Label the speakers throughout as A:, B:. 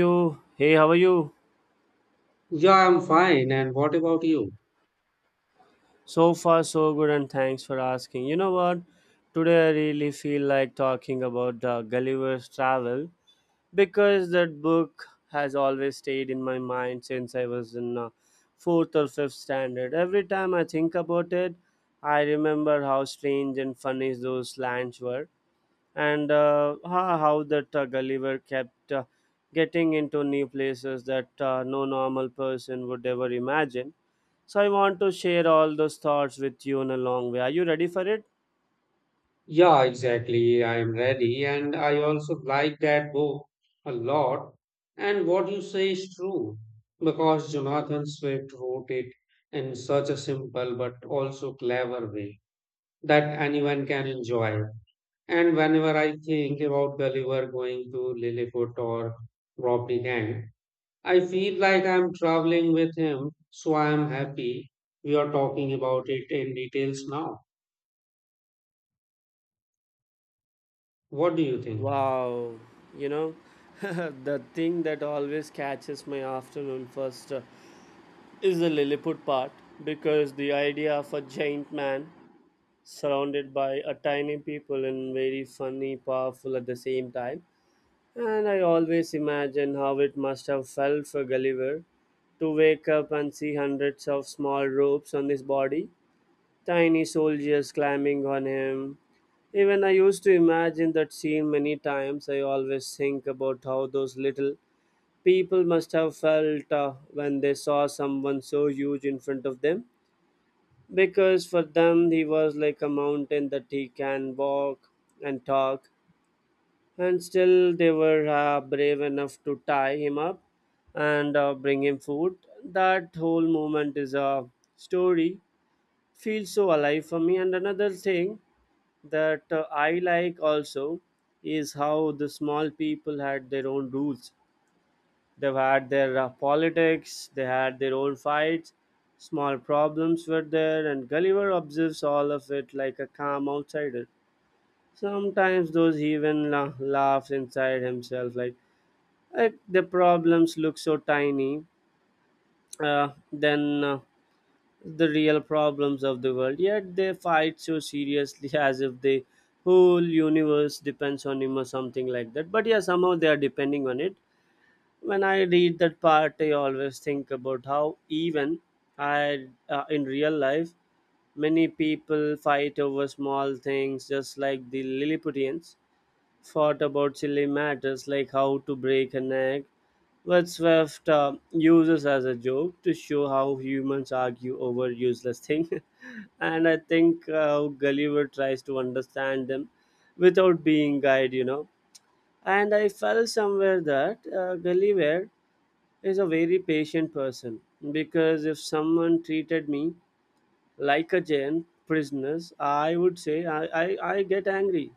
A: You. Hey, how are you?
B: Yeah, I'm fine. And what about you?
A: So far so good and thanks for asking. You know what, today I really feel like talking about Gulliver's Travel, because that book has always stayed in my mind since I was in fourth or fifth standard. Every time I think about it, I remember how strange and funny those lands were. And how that Gulliver kept getting into new places that no normal person would ever imagine. So I want to share all those thoughts with you in a long way. Are you ready for it?
B: Yeah, exactly. I am ready. And I also like that book a lot. And what you say is true because Jonathan Swift wrote it in such a simple but also clever way that anyone can enjoy. And whenever I think about Gulliver going to Lilliput or Robbie Gang, I feel like I'm traveling with him. So I'm happy we are talking about it in details now. What do you think?
A: Wow, you know, the thing that always catches my afternoon first is the Lilliput part, because the idea of a giant man surrounded by a tiny people and very funny, powerful at the same time. And I always imagine how it must have felt for Gulliver to wake up and see hundreds of small ropes on his body, tiny soldiers climbing on him. Even I used to imagine that scene many times. I always think about how those little people must have felt when they saw someone so huge in front of them. Because for them, he was like a mountain that he can walk and talk, and still they were brave enough to tie him up and bring him food. That whole moment is a story, feels so alive for me. And another thing that I like also is how the small people had their own rules. They've had their politics, they had their own fights, small problems were there, and Gulliver observes all of it like a calm outsider. Sometimes those even laughs inside himself, like, The problems look so tiny. Then the real problems of the world, yet they fight so seriously as if the whole universe depends on him or something like that. But yeah, somehow they are depending on it. When I read that part, I always think about how even I in real life many people fight over small things, just like the Lilliputians fought about silly matters like how to break an egg. What Swift uses as a joke to show how humans argue over useless things. And I think Gulliver tries to understand them without being guide, And I felt somewhere that Gulliver is a very patient person, because if someone treated me like a giant prisoner, I would say I get angry.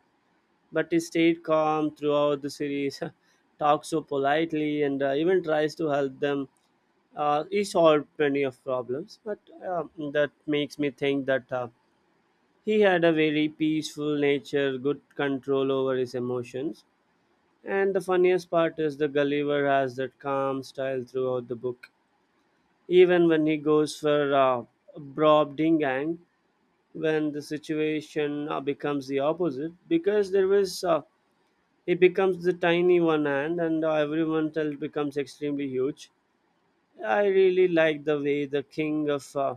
A: But he stayed calm throughout the series, talks so politely, and even tries to help them. He solved plenty of problems, but that makes me think that. He had a very peaceful nature, good control over his emotions, and the funniest part is the Gulliver has that calm style throughout the book. Even when he goes for Brob Dingang, when the situation becomes the opposite, because there is he becomes the tiny one hand, and everyone else becomes extremely huge. I really like the way the king of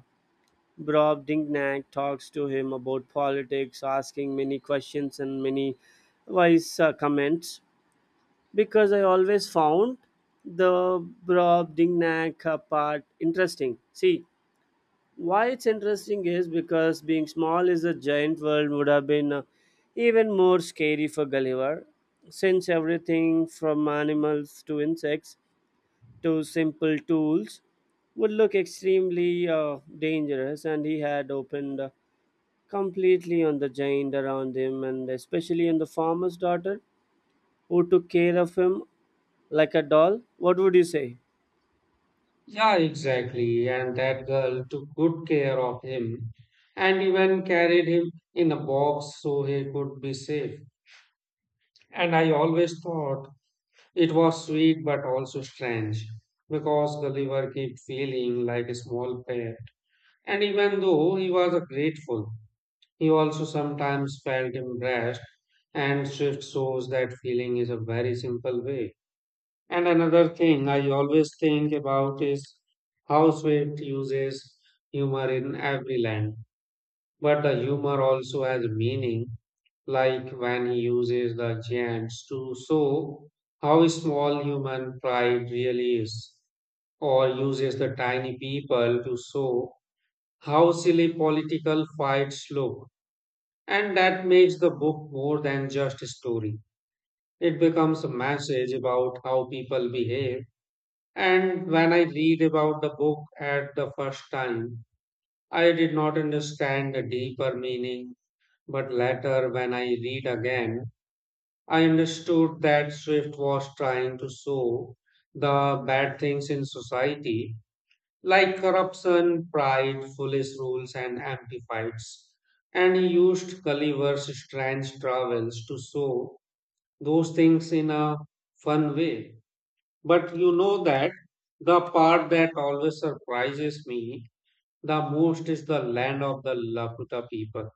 A: Bob Dingnack talks to him about politics, asking many questions and many wise comments. Because I always found the Bob Dingnack part interesting. See, why it's interesting is because being small is a giant world would have been even more scary for Gulliver, since everything from animals to insects to simple tools would look extremely dangerous, and he had opened completely on the giant around him, and especially on the farmer's daughter who took care of him like a doll. What would you say?
B: Yeah, exactly. And that girl took good care of him and even carried him in a box so he could be safe. And I always thought it was sweet but also strange because Gulliver kept feeling like a small pet. And even though he was grateful, he also sometimes felt embarrassed. And Swift shows that feeling is a very simple way. And another thing I always think about is how Swift uses humor in every line. But the humor also has meaning, like when he uses the giants to show how small human pride really is, or uses the tiny people to show how silly political fights look. And that makes the book more than just a story. It becomes a message about how people behave, and when I read about the book at the first time, I did not understand the deeper meaning. But later, when I read again, I understood that Swift was trying to show the bad things in society, like corruption, pride, foolish rules, and empty fights. And he used Gulliver's strange travels to show those things in a fun way. But you know that the part that always surprises me the most is the land of the Laputa people,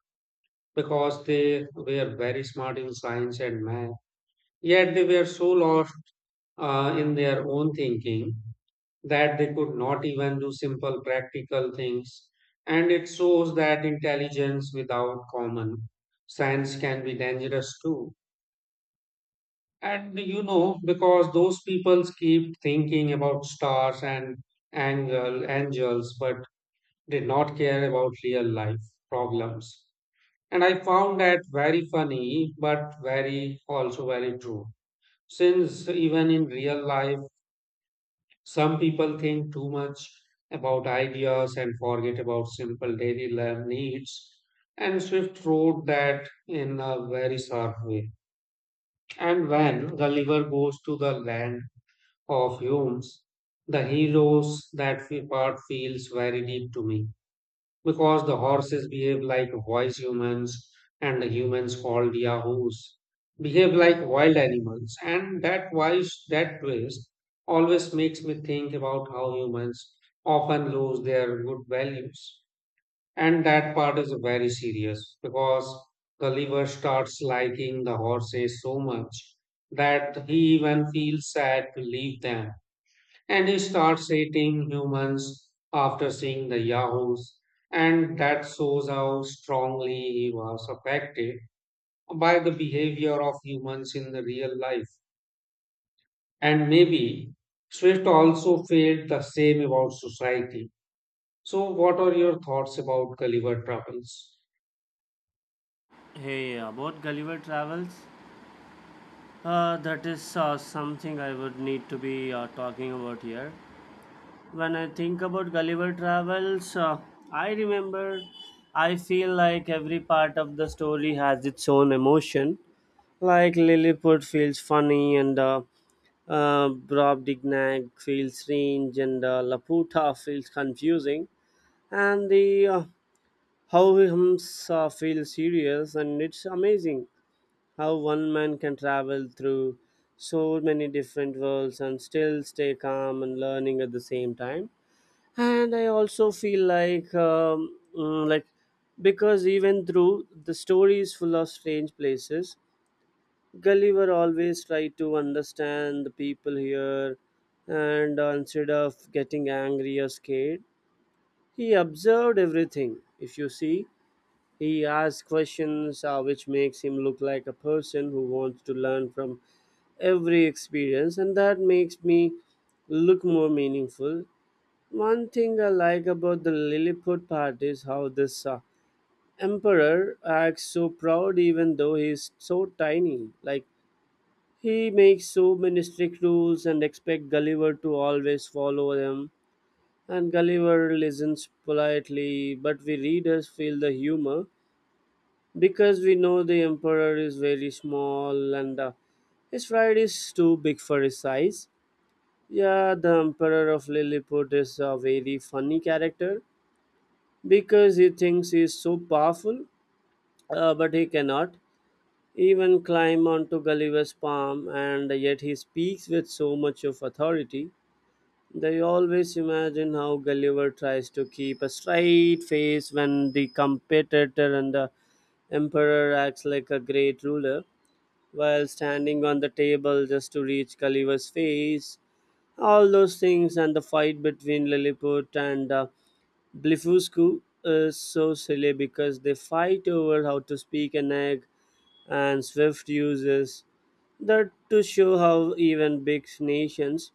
B: because they were very smart in science and math, yet they were so lost in their own thinking that they could not even do simple practical things. And it shows that intelligence without common sense can be dangerous too. And you know, because those people keep thinking about stars and angels, but did not care about real life problems. And I found that very funny, but very also very true. Since even in real life, some people think too much about ideas and forget about simple daily life needs. And Swift wrote that in a very sharp way. And when the river goes to the land of Hume's, the heroes, that part feels very deep to me, because the horses behave like wise humans and the humans called Yahoos behave like wild animals. And that wise, that twist, always makes me think about how humans often lose their good values. And that part is very serious, because the liver starts liking the horses so much that he even feels sad to leave them, and he starts hating humans after seeing the Yahoos. And that shows how strongly he was affected by the behavior of humans in the real life. And maybe Swift also felt the same about society. So, what are your thoughts about Gulliver Travels?
A: Hey, about Gulliver travels, that is something I would need to be talking about here. When I think about Gulliver travels, I remember, I feel like every part of the story has its own emotion. Like Lilliput feels funny, and Rob Dignac feels strange, and Laputa feels confusing, and the how hymns feel serious. And it's amazing how one man can travel through so many different worlds and still stay calm and learning at the same time. And I also feel like like, because even through the story is full of strange places, Gulliver always tried to understand the people here, and instead of getting angry or scared, he observed everything. If you see, he asked questions which makes him look like a person who wants to learn from every experience, and that makes me look more meaningful. One thing I like about the Lilliput part is how this emperor acts so proud even though he's so tiny. Like, he makes so many strict rules and expects Gulliver to always follow them. And Gulliver listens politely, but we readers feel the humor, because we know the Emperor is very small, and his pride is too big for his size. Yeah, the Emperor of Lilliput is a very funny character, because he thinks he is so powerful, but he cannot even climb onto Gulliver's palm, and yet he speaks with so much of authority. They always imagine how Gulliver tries to keep a straight face when the competitor and the emperor acts like a great ruler while standing on the table just to reach Gulliver's face. All those things and the fight between Lilliput and Blefuscu is so silly, because they fight over how to speak an egg, and Swift uses that to show how even big nations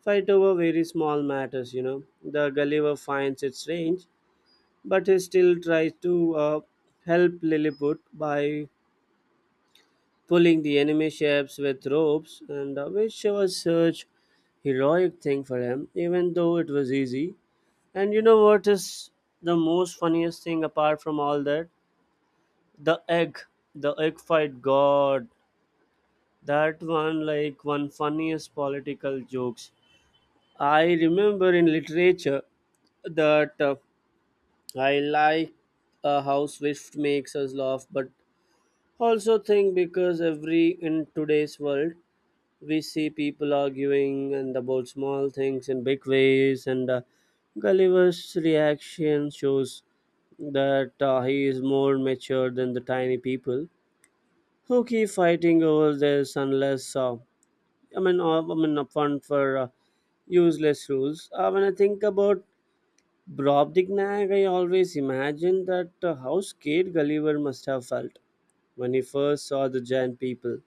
A: fight over very small matters. You know, the Gulliver finds it strange, but he still tries to help Lilliput by pulling the enemy ships with ropes, and which was such heroic thing for him, even though it was easy. And you know what is the most funniest thing apart from all that? The egg, the egg fight, god, that one like one funniest political jokes I remember in literature. That I like a how Swift makes us laugh, but also think, because every in today's world we see people arguing and about small things in big ways, and Gulliver's reaction shows that he is more mature than the tiny people who keep fighting over this unless I mean upfront for useless rules. When I think about Bob Nag, I always imagined that how scared Gulliver must have felt when he first saw the giant people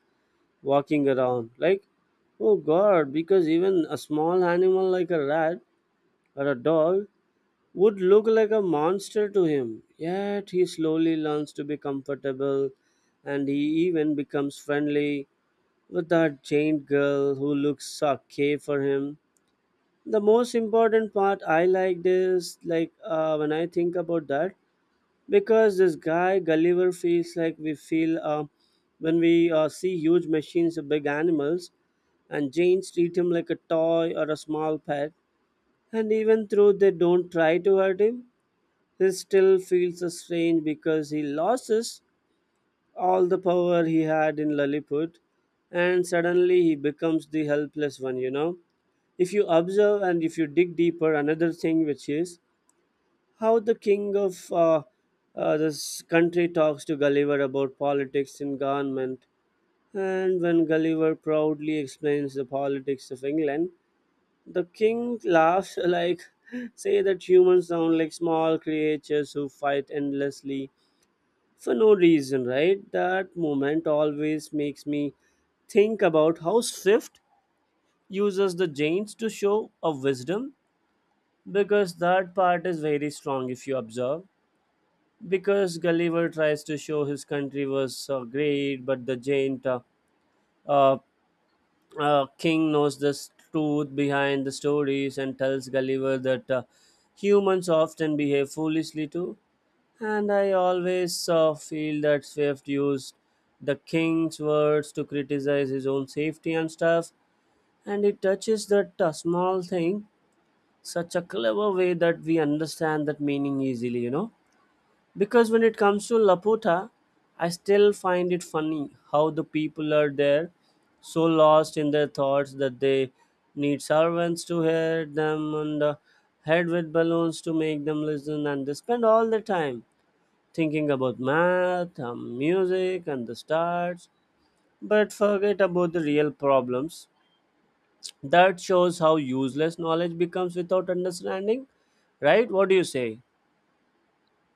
A: walking around. Like, oh god, because even a small animal like a rat or a dog would look like a monster to him. Yet he slowly learns to be comfortable, and he even becomes friendly with that giant girl who looks okay for him. The most important part I liked is like when I think about that, because this guy Gulliver feels like we feel when we see huge machines or big animals, and Janes treat him like a toy or a small pet. And even though they don't try to hurt him, he still feels so strange because he loses all the power he had in Lilliput, and suddenly he becomes the helpless one. You know, if you observe and if you dig deeper, another thing which is how the king of this country talks to Gulliver about politics and government. And when Gulliver proudly explains the politics of England, the king laughs like, say that humans sound like small creatures who fight endlessly for no reason, right? That moment always makes me think about how Swift uses the Jains to show a wisdom, because that part is very strong if you observe. Because Gulliver tries to show his country was great, but the giant uh, king knows the truth behind the stories and tells Gulliver that humans often behave foolishly too. And I always feel that Swift used the king's words to criticize his own safety and stuff, and it touches that small thing such a clever way that we understand that meaning easily, you know. Because when it comes to Laputa, I still find it funny how the people are there so lost in their thoughts that they need servants to hit them on the head with balloons to make them listen, and they spend all the time thinking about math, and music, and the stars, but forget about the real problems. That shows how useless knowledge becomes without understanding, right? What do you say?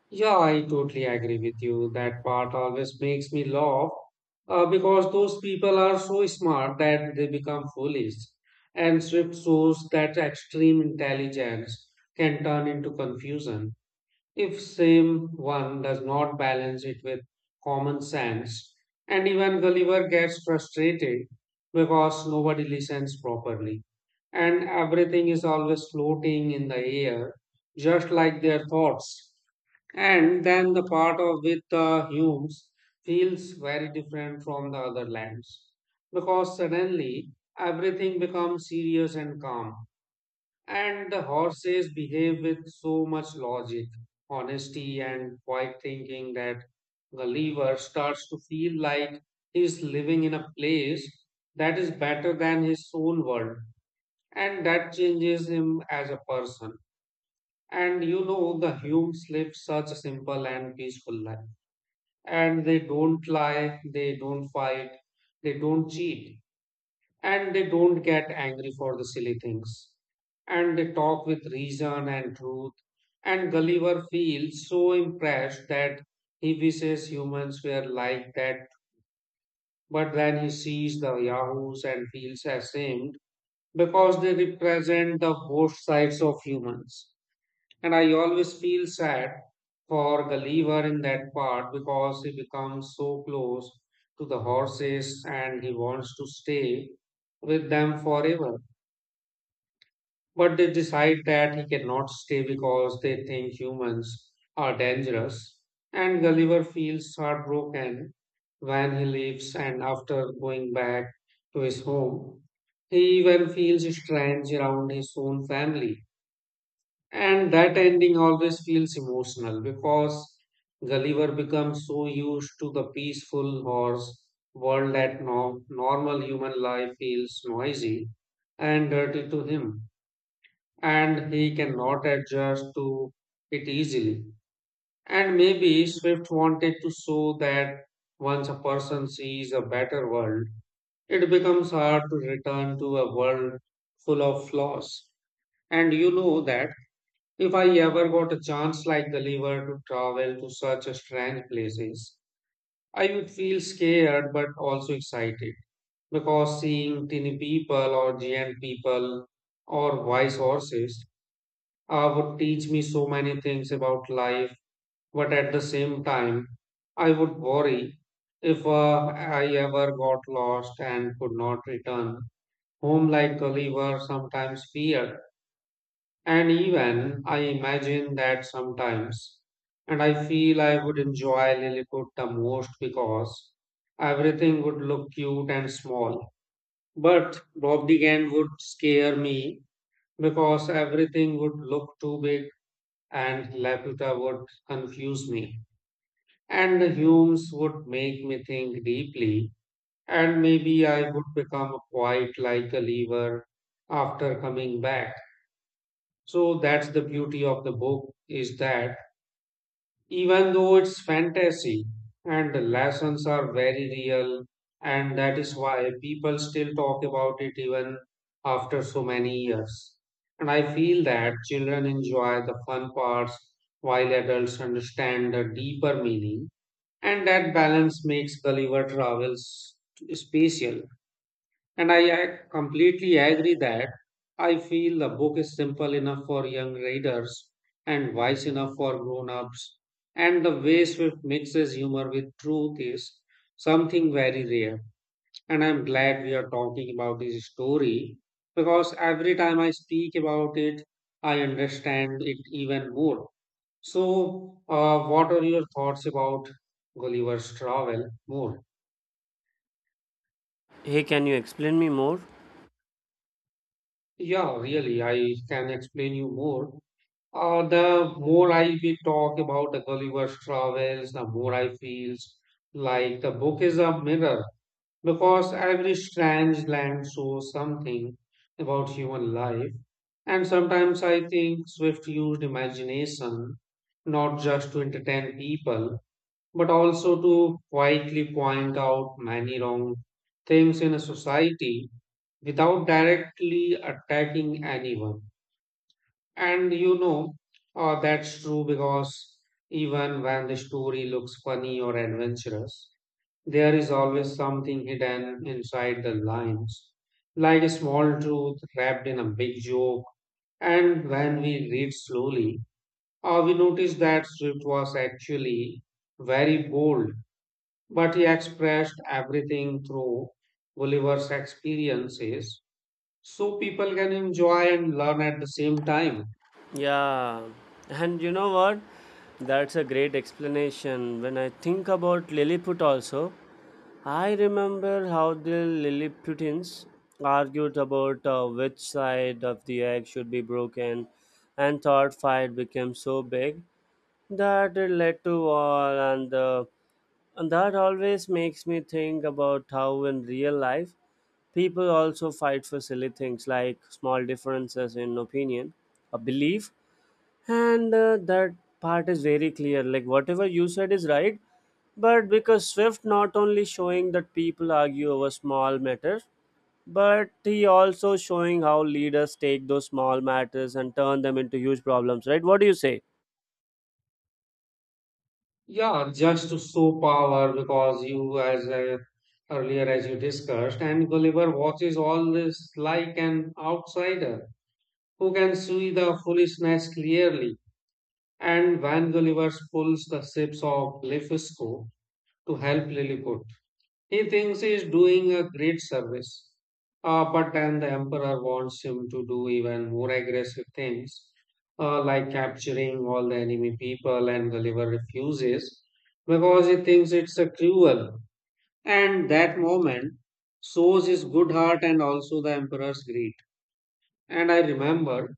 B: Yeah, I totally agree with you. That part always makes me laugh, because those people are so smart that they become foolish. And Swift shows that extreme intelligence can turn into confusion if same one does not balance it with common sense. And even Gulliver gets frustrated because nobody listens properly, and everything is always floating in the air, just like their thoughts. And then the part of with the Humes feels very different from the other lands, because suddenly everything becomes serious and calm, and the horses behave with so much logic, honesty, and quiet thinking that Gulliver starts to feel like he's living in a place that is better than his own world, and that changes him as a person. And you know, the humans live such a simple and peaceful life. And they don't lie, they don't fight, they don't cheat, and they don't get angry for the silly things. And they talk with reason and truth. And Gulliver feels so impressed that he wishes humans were like that. But then he sees the Yahoos and feels ashamed because they represent the worst sides of humans. And I always feel sad for Gulliver in that part, because he becomes so close to the horses and he wants to stay with them forever. But they decide that he cannot stay because they think humans are dangerous. And Gulliver feels heartbroken when he leaves, and after going back to his home, he even feels strange around his own family. And that ending always feels emotional because Gulliver becomes so used to the peaceful horse world that normal human life feels noisy and dirty to him, and he cannot adjust to it easily. And maybe Swift wanted to show that once a person sees a better world, it becomes hard to return to a world full of flaws. And you know that. If I ever got a chance like the liver to travel to such a strange places, I would feel scared but also excited, because seeing tiny people or giant people or wise horses would teach me so many things about life. But at the same time, I would worry if I ever got lost and could not return home like the liver sometimes feared. And even I imagine that sometimes, and I feel I would enjoy Lilliput the most because everything would look cute and small. But Bob Degan would scare me because everything would look too big, and Laputa would confuse me. And the Humes would make me think deeply, and maybe I would become quite like a lever after coming back. So that's the beauty of the book, is that even though it's fantasy, and the lessons are very real, and that is why people still talk about it even after so many years. And I feel that children enjoy the fun parts while adults understand the deeper meaning, and that balance makes Gulliver Travels special. And I completely agree that I feel the book is simple enough for young readers and wise enough for grown ups. And the way Swift mixes humor with truth is something very rare. And I'm glad we are talking about this story, because every time I speak about it, I understand it even more. So, what are your thoughts about Gulliver's Travel more?
A: Hey, can you explain me more?
B: Yeah, really, I can explain you more. The more I we talk about the Gulliver's Travels, the more I feels like the book is a mirror, because every strange land shows something about human life. And sometimes I think Swift used imagination not just to entertain people, but also to quietly point out many wrong things in a society without directly attacking anyone. And you know, that's true because even when the story looks funny or adventurous, there is always something hidden inside the lines, like a small truth wrapped in a big joke. And when we read slowly, we notice that Swift was actually very bold, but he expressed everything through Gulliver's experiences so people can enjoy and learn at the same time.
A: Yeah, and you know what? That's a great explanation. When I think about Lilliput, also, I remember how the Lilliputians argued about which side of the egg should be broken, and thought fight became so big that it led to war, and that always makes me think about how in real life people also fight for silly things like small differences in opinion, a belief, and that part is very clear like whatever you said is right, but because swift not only showing that people argue over small matters, but he also showing how leaders take those small matters and turn them into huge problems, right? What do you say?
B: Yeah, just to show power, because you, as earlier as you discussed, and Gulliver watches all this like an outsider who can see the foolishness clearly. And when Gulliver pulls the ships of Lefisco to help Lilliput, he thinks he's doing a great service. But then the emperor wants him to do even more aggressive things, like capturing all the enemy people, and Gulliver refuses because he thinks it's a cruel. And that moment shows his good heart and also the emperor's greed. And I remember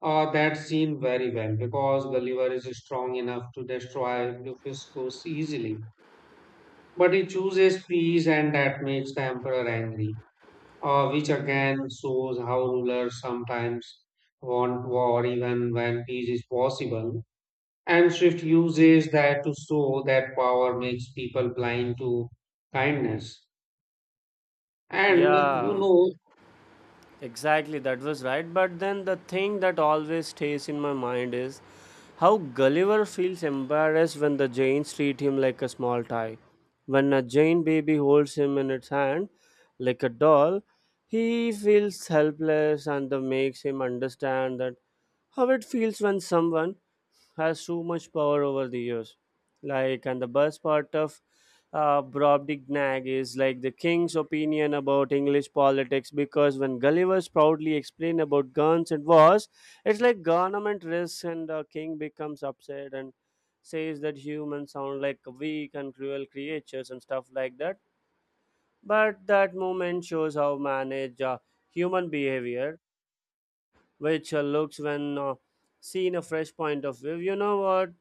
B: that scene very well because Gulliver is strong enough to destroy Luffy's course easily. But he chooses peace, and that makes the emperor angry, which again shows how rulers sometimes want war even when peace is possible. And Swift uses that to show that power makes people blind to kindness. And you
A: Yeah,
B: know,
A: exactly, that was right. But then the thing that always stays in my mind is how Gulliver feels embarrassed when the Jains treat him like a small toy. When a Jain baby holds him in its hand like a doll, he feels helpless, and that makes him understand that how it feels when someone has so much power over the years. Like, and the best part of Brobdig Nag is like the king's opinion about English politics, because when Gulliver's proudly explained about guns and wars, it's like government risks, and the king becomes upset and says that humans sound like weak and cruel creatures and stuff like that. But that moment shows how manage human behavior which looks when seen a fresh point of view. You know what?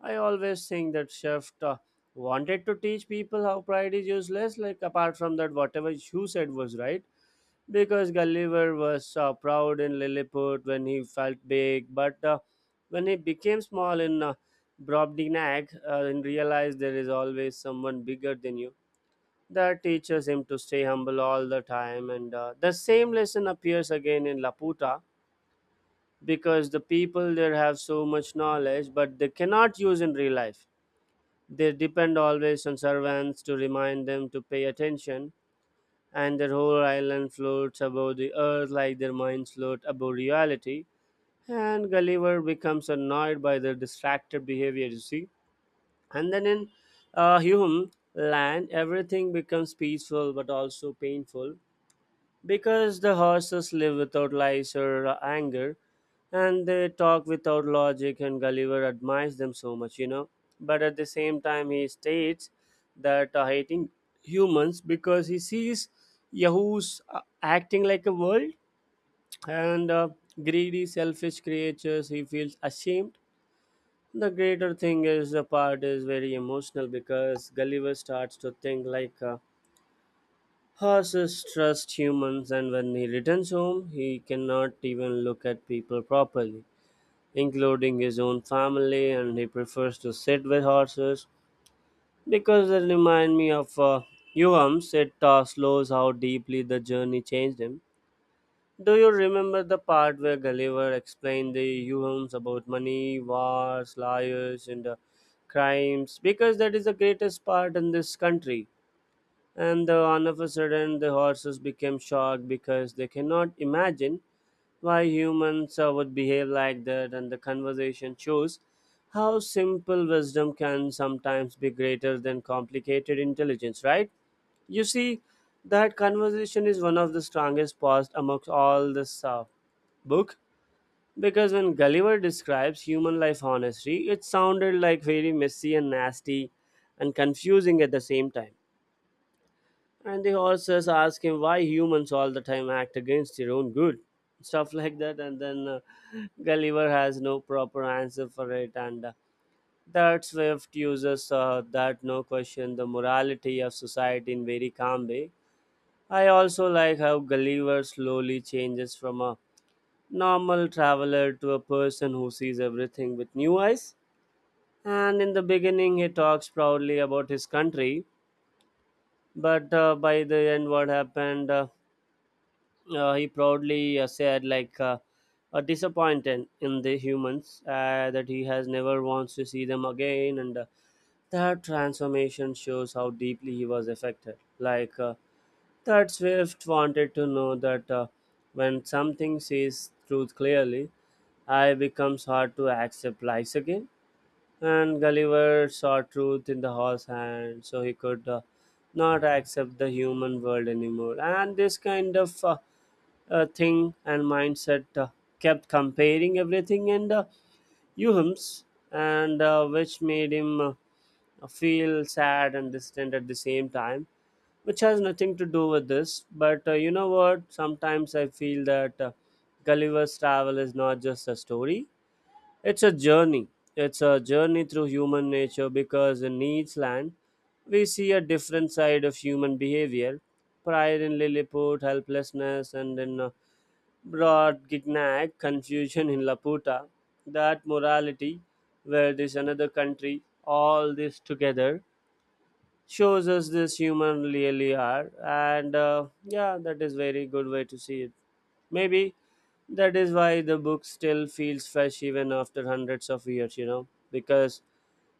A: I always think that chef wanted to teach people how pride is useless. Like apart from that, whatever you said was right, because Gulliver was proud in Lilliput when he felt big, but when he became small in Brobdingnag and realized there is always someone bigger than you. That teaches him to stay humble all the time, and the same lesson appears again in Laputa, because the people there have so much knowledge but they cannot use in real life. They depend always on servants to remind them to pay attention, and their whole island floats above the earth like their minds float above reality, and Gulliver becomes annoyed by their distracted behavior, you see. And then in hume land, everything becomes peaceful but also painful, because the horses live without lies or anger, and they talk without logic, and Gulliver admires them so much, you know. But at the same time, he states that hating humans because he sees Yahoos acting like a world and greedy, selfish creatures. He feels ashamed. The greater thing is the part is very emotional, because Gulliver starts to think like. Horses trust humans, and when he returns home, he cannot even look at people properly, including his own family, and he prefers to sit with horses because they remind me of Yuam's. It slows how deeply the journey changed him. Do you remember the part where Gulliver explained the Yuhams about money, wars, liars, and crimes? Because that is the greatest part in this country, and all of a sudden the horses became shocked because they cannot imagine why humans would behave like that, and the conversation shows how simple wisdom can sometimes be greater than complicated intelligence, right? You see, that conversation is one of the strongest parts amongst all this book, because when Gulliver describes human life honestly it sounded like very messy and nasty and confusing at the same time, and the horses ask him why humans all the time act against their own good, stuff like that. And then Gulliver has no proper answer for it. And That Swift uses that no question the morality of society in very calm way. I also like how Gulliver slowly changes from a normal traveler to a person who sees everything with new eyes. And in the beginning, he talks proudly about his country, but by the end, what happened? He proudly said like a disappointed in the humans that he has never wants to see them again, and that transformation shows how deeply he was affected, like that swift wanted to know that when something sees truth clearly I becomes hard to accept lies again, and Gulliver saw truth in the horse hand, so he could not accept the human world anymore, and this kind of thing and mindset kept comparing everything and Euham's, and which made him feel sad and distant at the same time, which has nothing to do with this. But you know what? Sometimes I feel that Gulliver's travel is not just a story; it's a journey. It's a journey through human nature, because in each land, we see a different side of human behavior: pride in Lilliput, helplessness, and in brought Gignac, confusion in Laputa, that morality, where this another country, all this together shows us this human really are, and yeah, that is very good way to see it. Maybe that is why the book still feels fresh even after hundreds of years, you know, because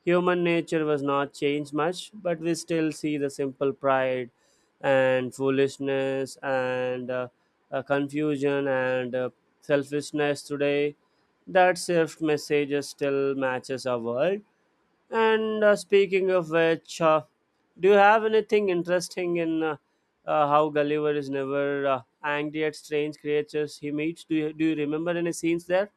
A: human nature was not changed much, but we still see the simple pride and foolishness and confusion and selfishness today. That shift messages still matches our world. And Speaking of which, do you have anything interesting in how Gulliver is never angry at strange creatures he meets? Do you remember any scenes there?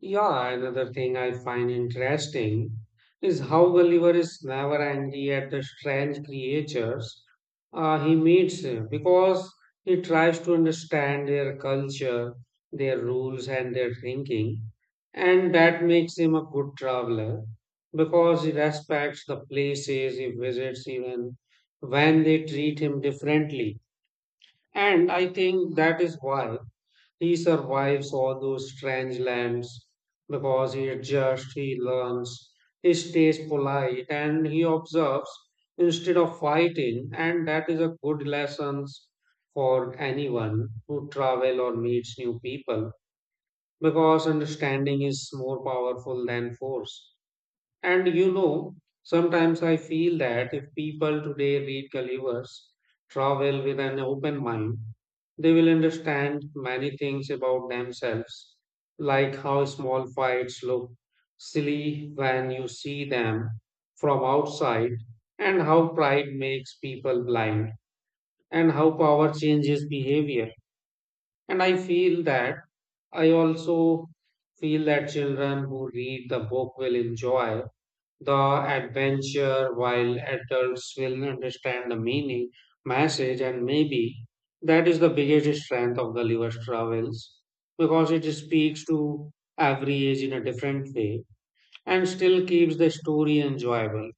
B: yeah, another thing I find interesting is how Gulliver is never angry at the strange creatures he meets, because he tries to understand their culture, their rules, and their thinking. And that makes him a good traveler because he respects the places he visits, even when they treat him differently. And I think that is why he survives all those strange lands, because he adjusts, he learns, he stays polite, and he observes instead of fighting. And that is a good lesson for anyone who travel or meets new people, because understanding is more powerful than force. And you know, sometimes I feel that if people today read Gulliver's Travel with an open mind, they will understand many things about themselves, like how small fights look silly when you see them from outside, and how pride makes people blind, and how power changes behavior. And I feel that I also feel that children who read the book will enjoy the adventure while adults will understand the meaning, message, and maybe that is the biggest strength of the Liver's travels, because it speaks to every age in a different way and still keeps the story enjoyable.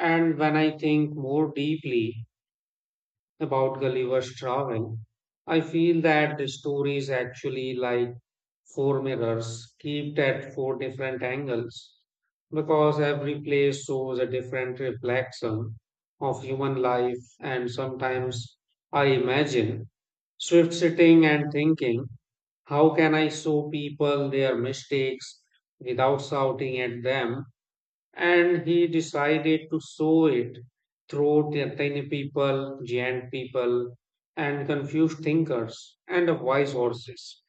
B: And when I think more deeply about Gulliver's travel, I feel that the story is actually like four mirrors kept at four different angles, because every place shows a different reflection of human life. And sometimes I imagine Swift sitting and thinking, how can I show people their mistakes without shouting at them? And he decided to sow it through the Athenian people, giant people, and confused thinkers, and the wise horses.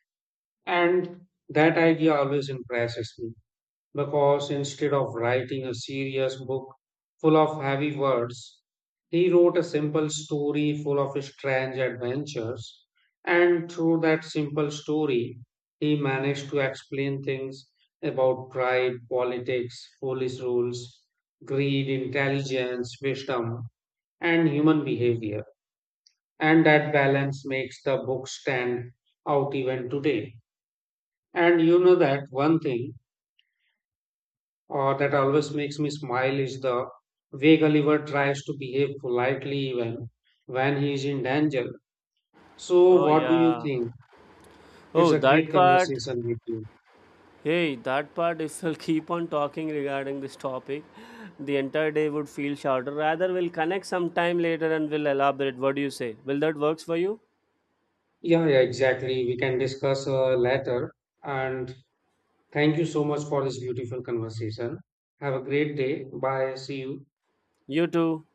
B: And that idea always impresses me because instead of writing a serious book full of heavy words, he wrote a simple story full of strange adventures. And through that simple story, he managed to explain things about pride, politics, police rules, greed, intelligence, wisdom, and human behavior. And that balance makes the book stand out even today. And you know that one thing, that always makes me smile is the way Gulliver tries to behave politely even when he is in danger. So,
A: Oh
B: what do you
A: yeah.
B: think? It's
A: Oh,
B: a great
A: that part.
B: conversation with you.
A: Hey, that part is will keep on talking regarding this topic. The entire day would feel shorter. Rather, we'll connect sometime later and we'll elaborate. What do you say? Will that works for you?
B: Yeah, yeah, exactly. We can discuss later. And thank you so much for this beautiful conversation. Have a great day. Bye. See you.
A: You too.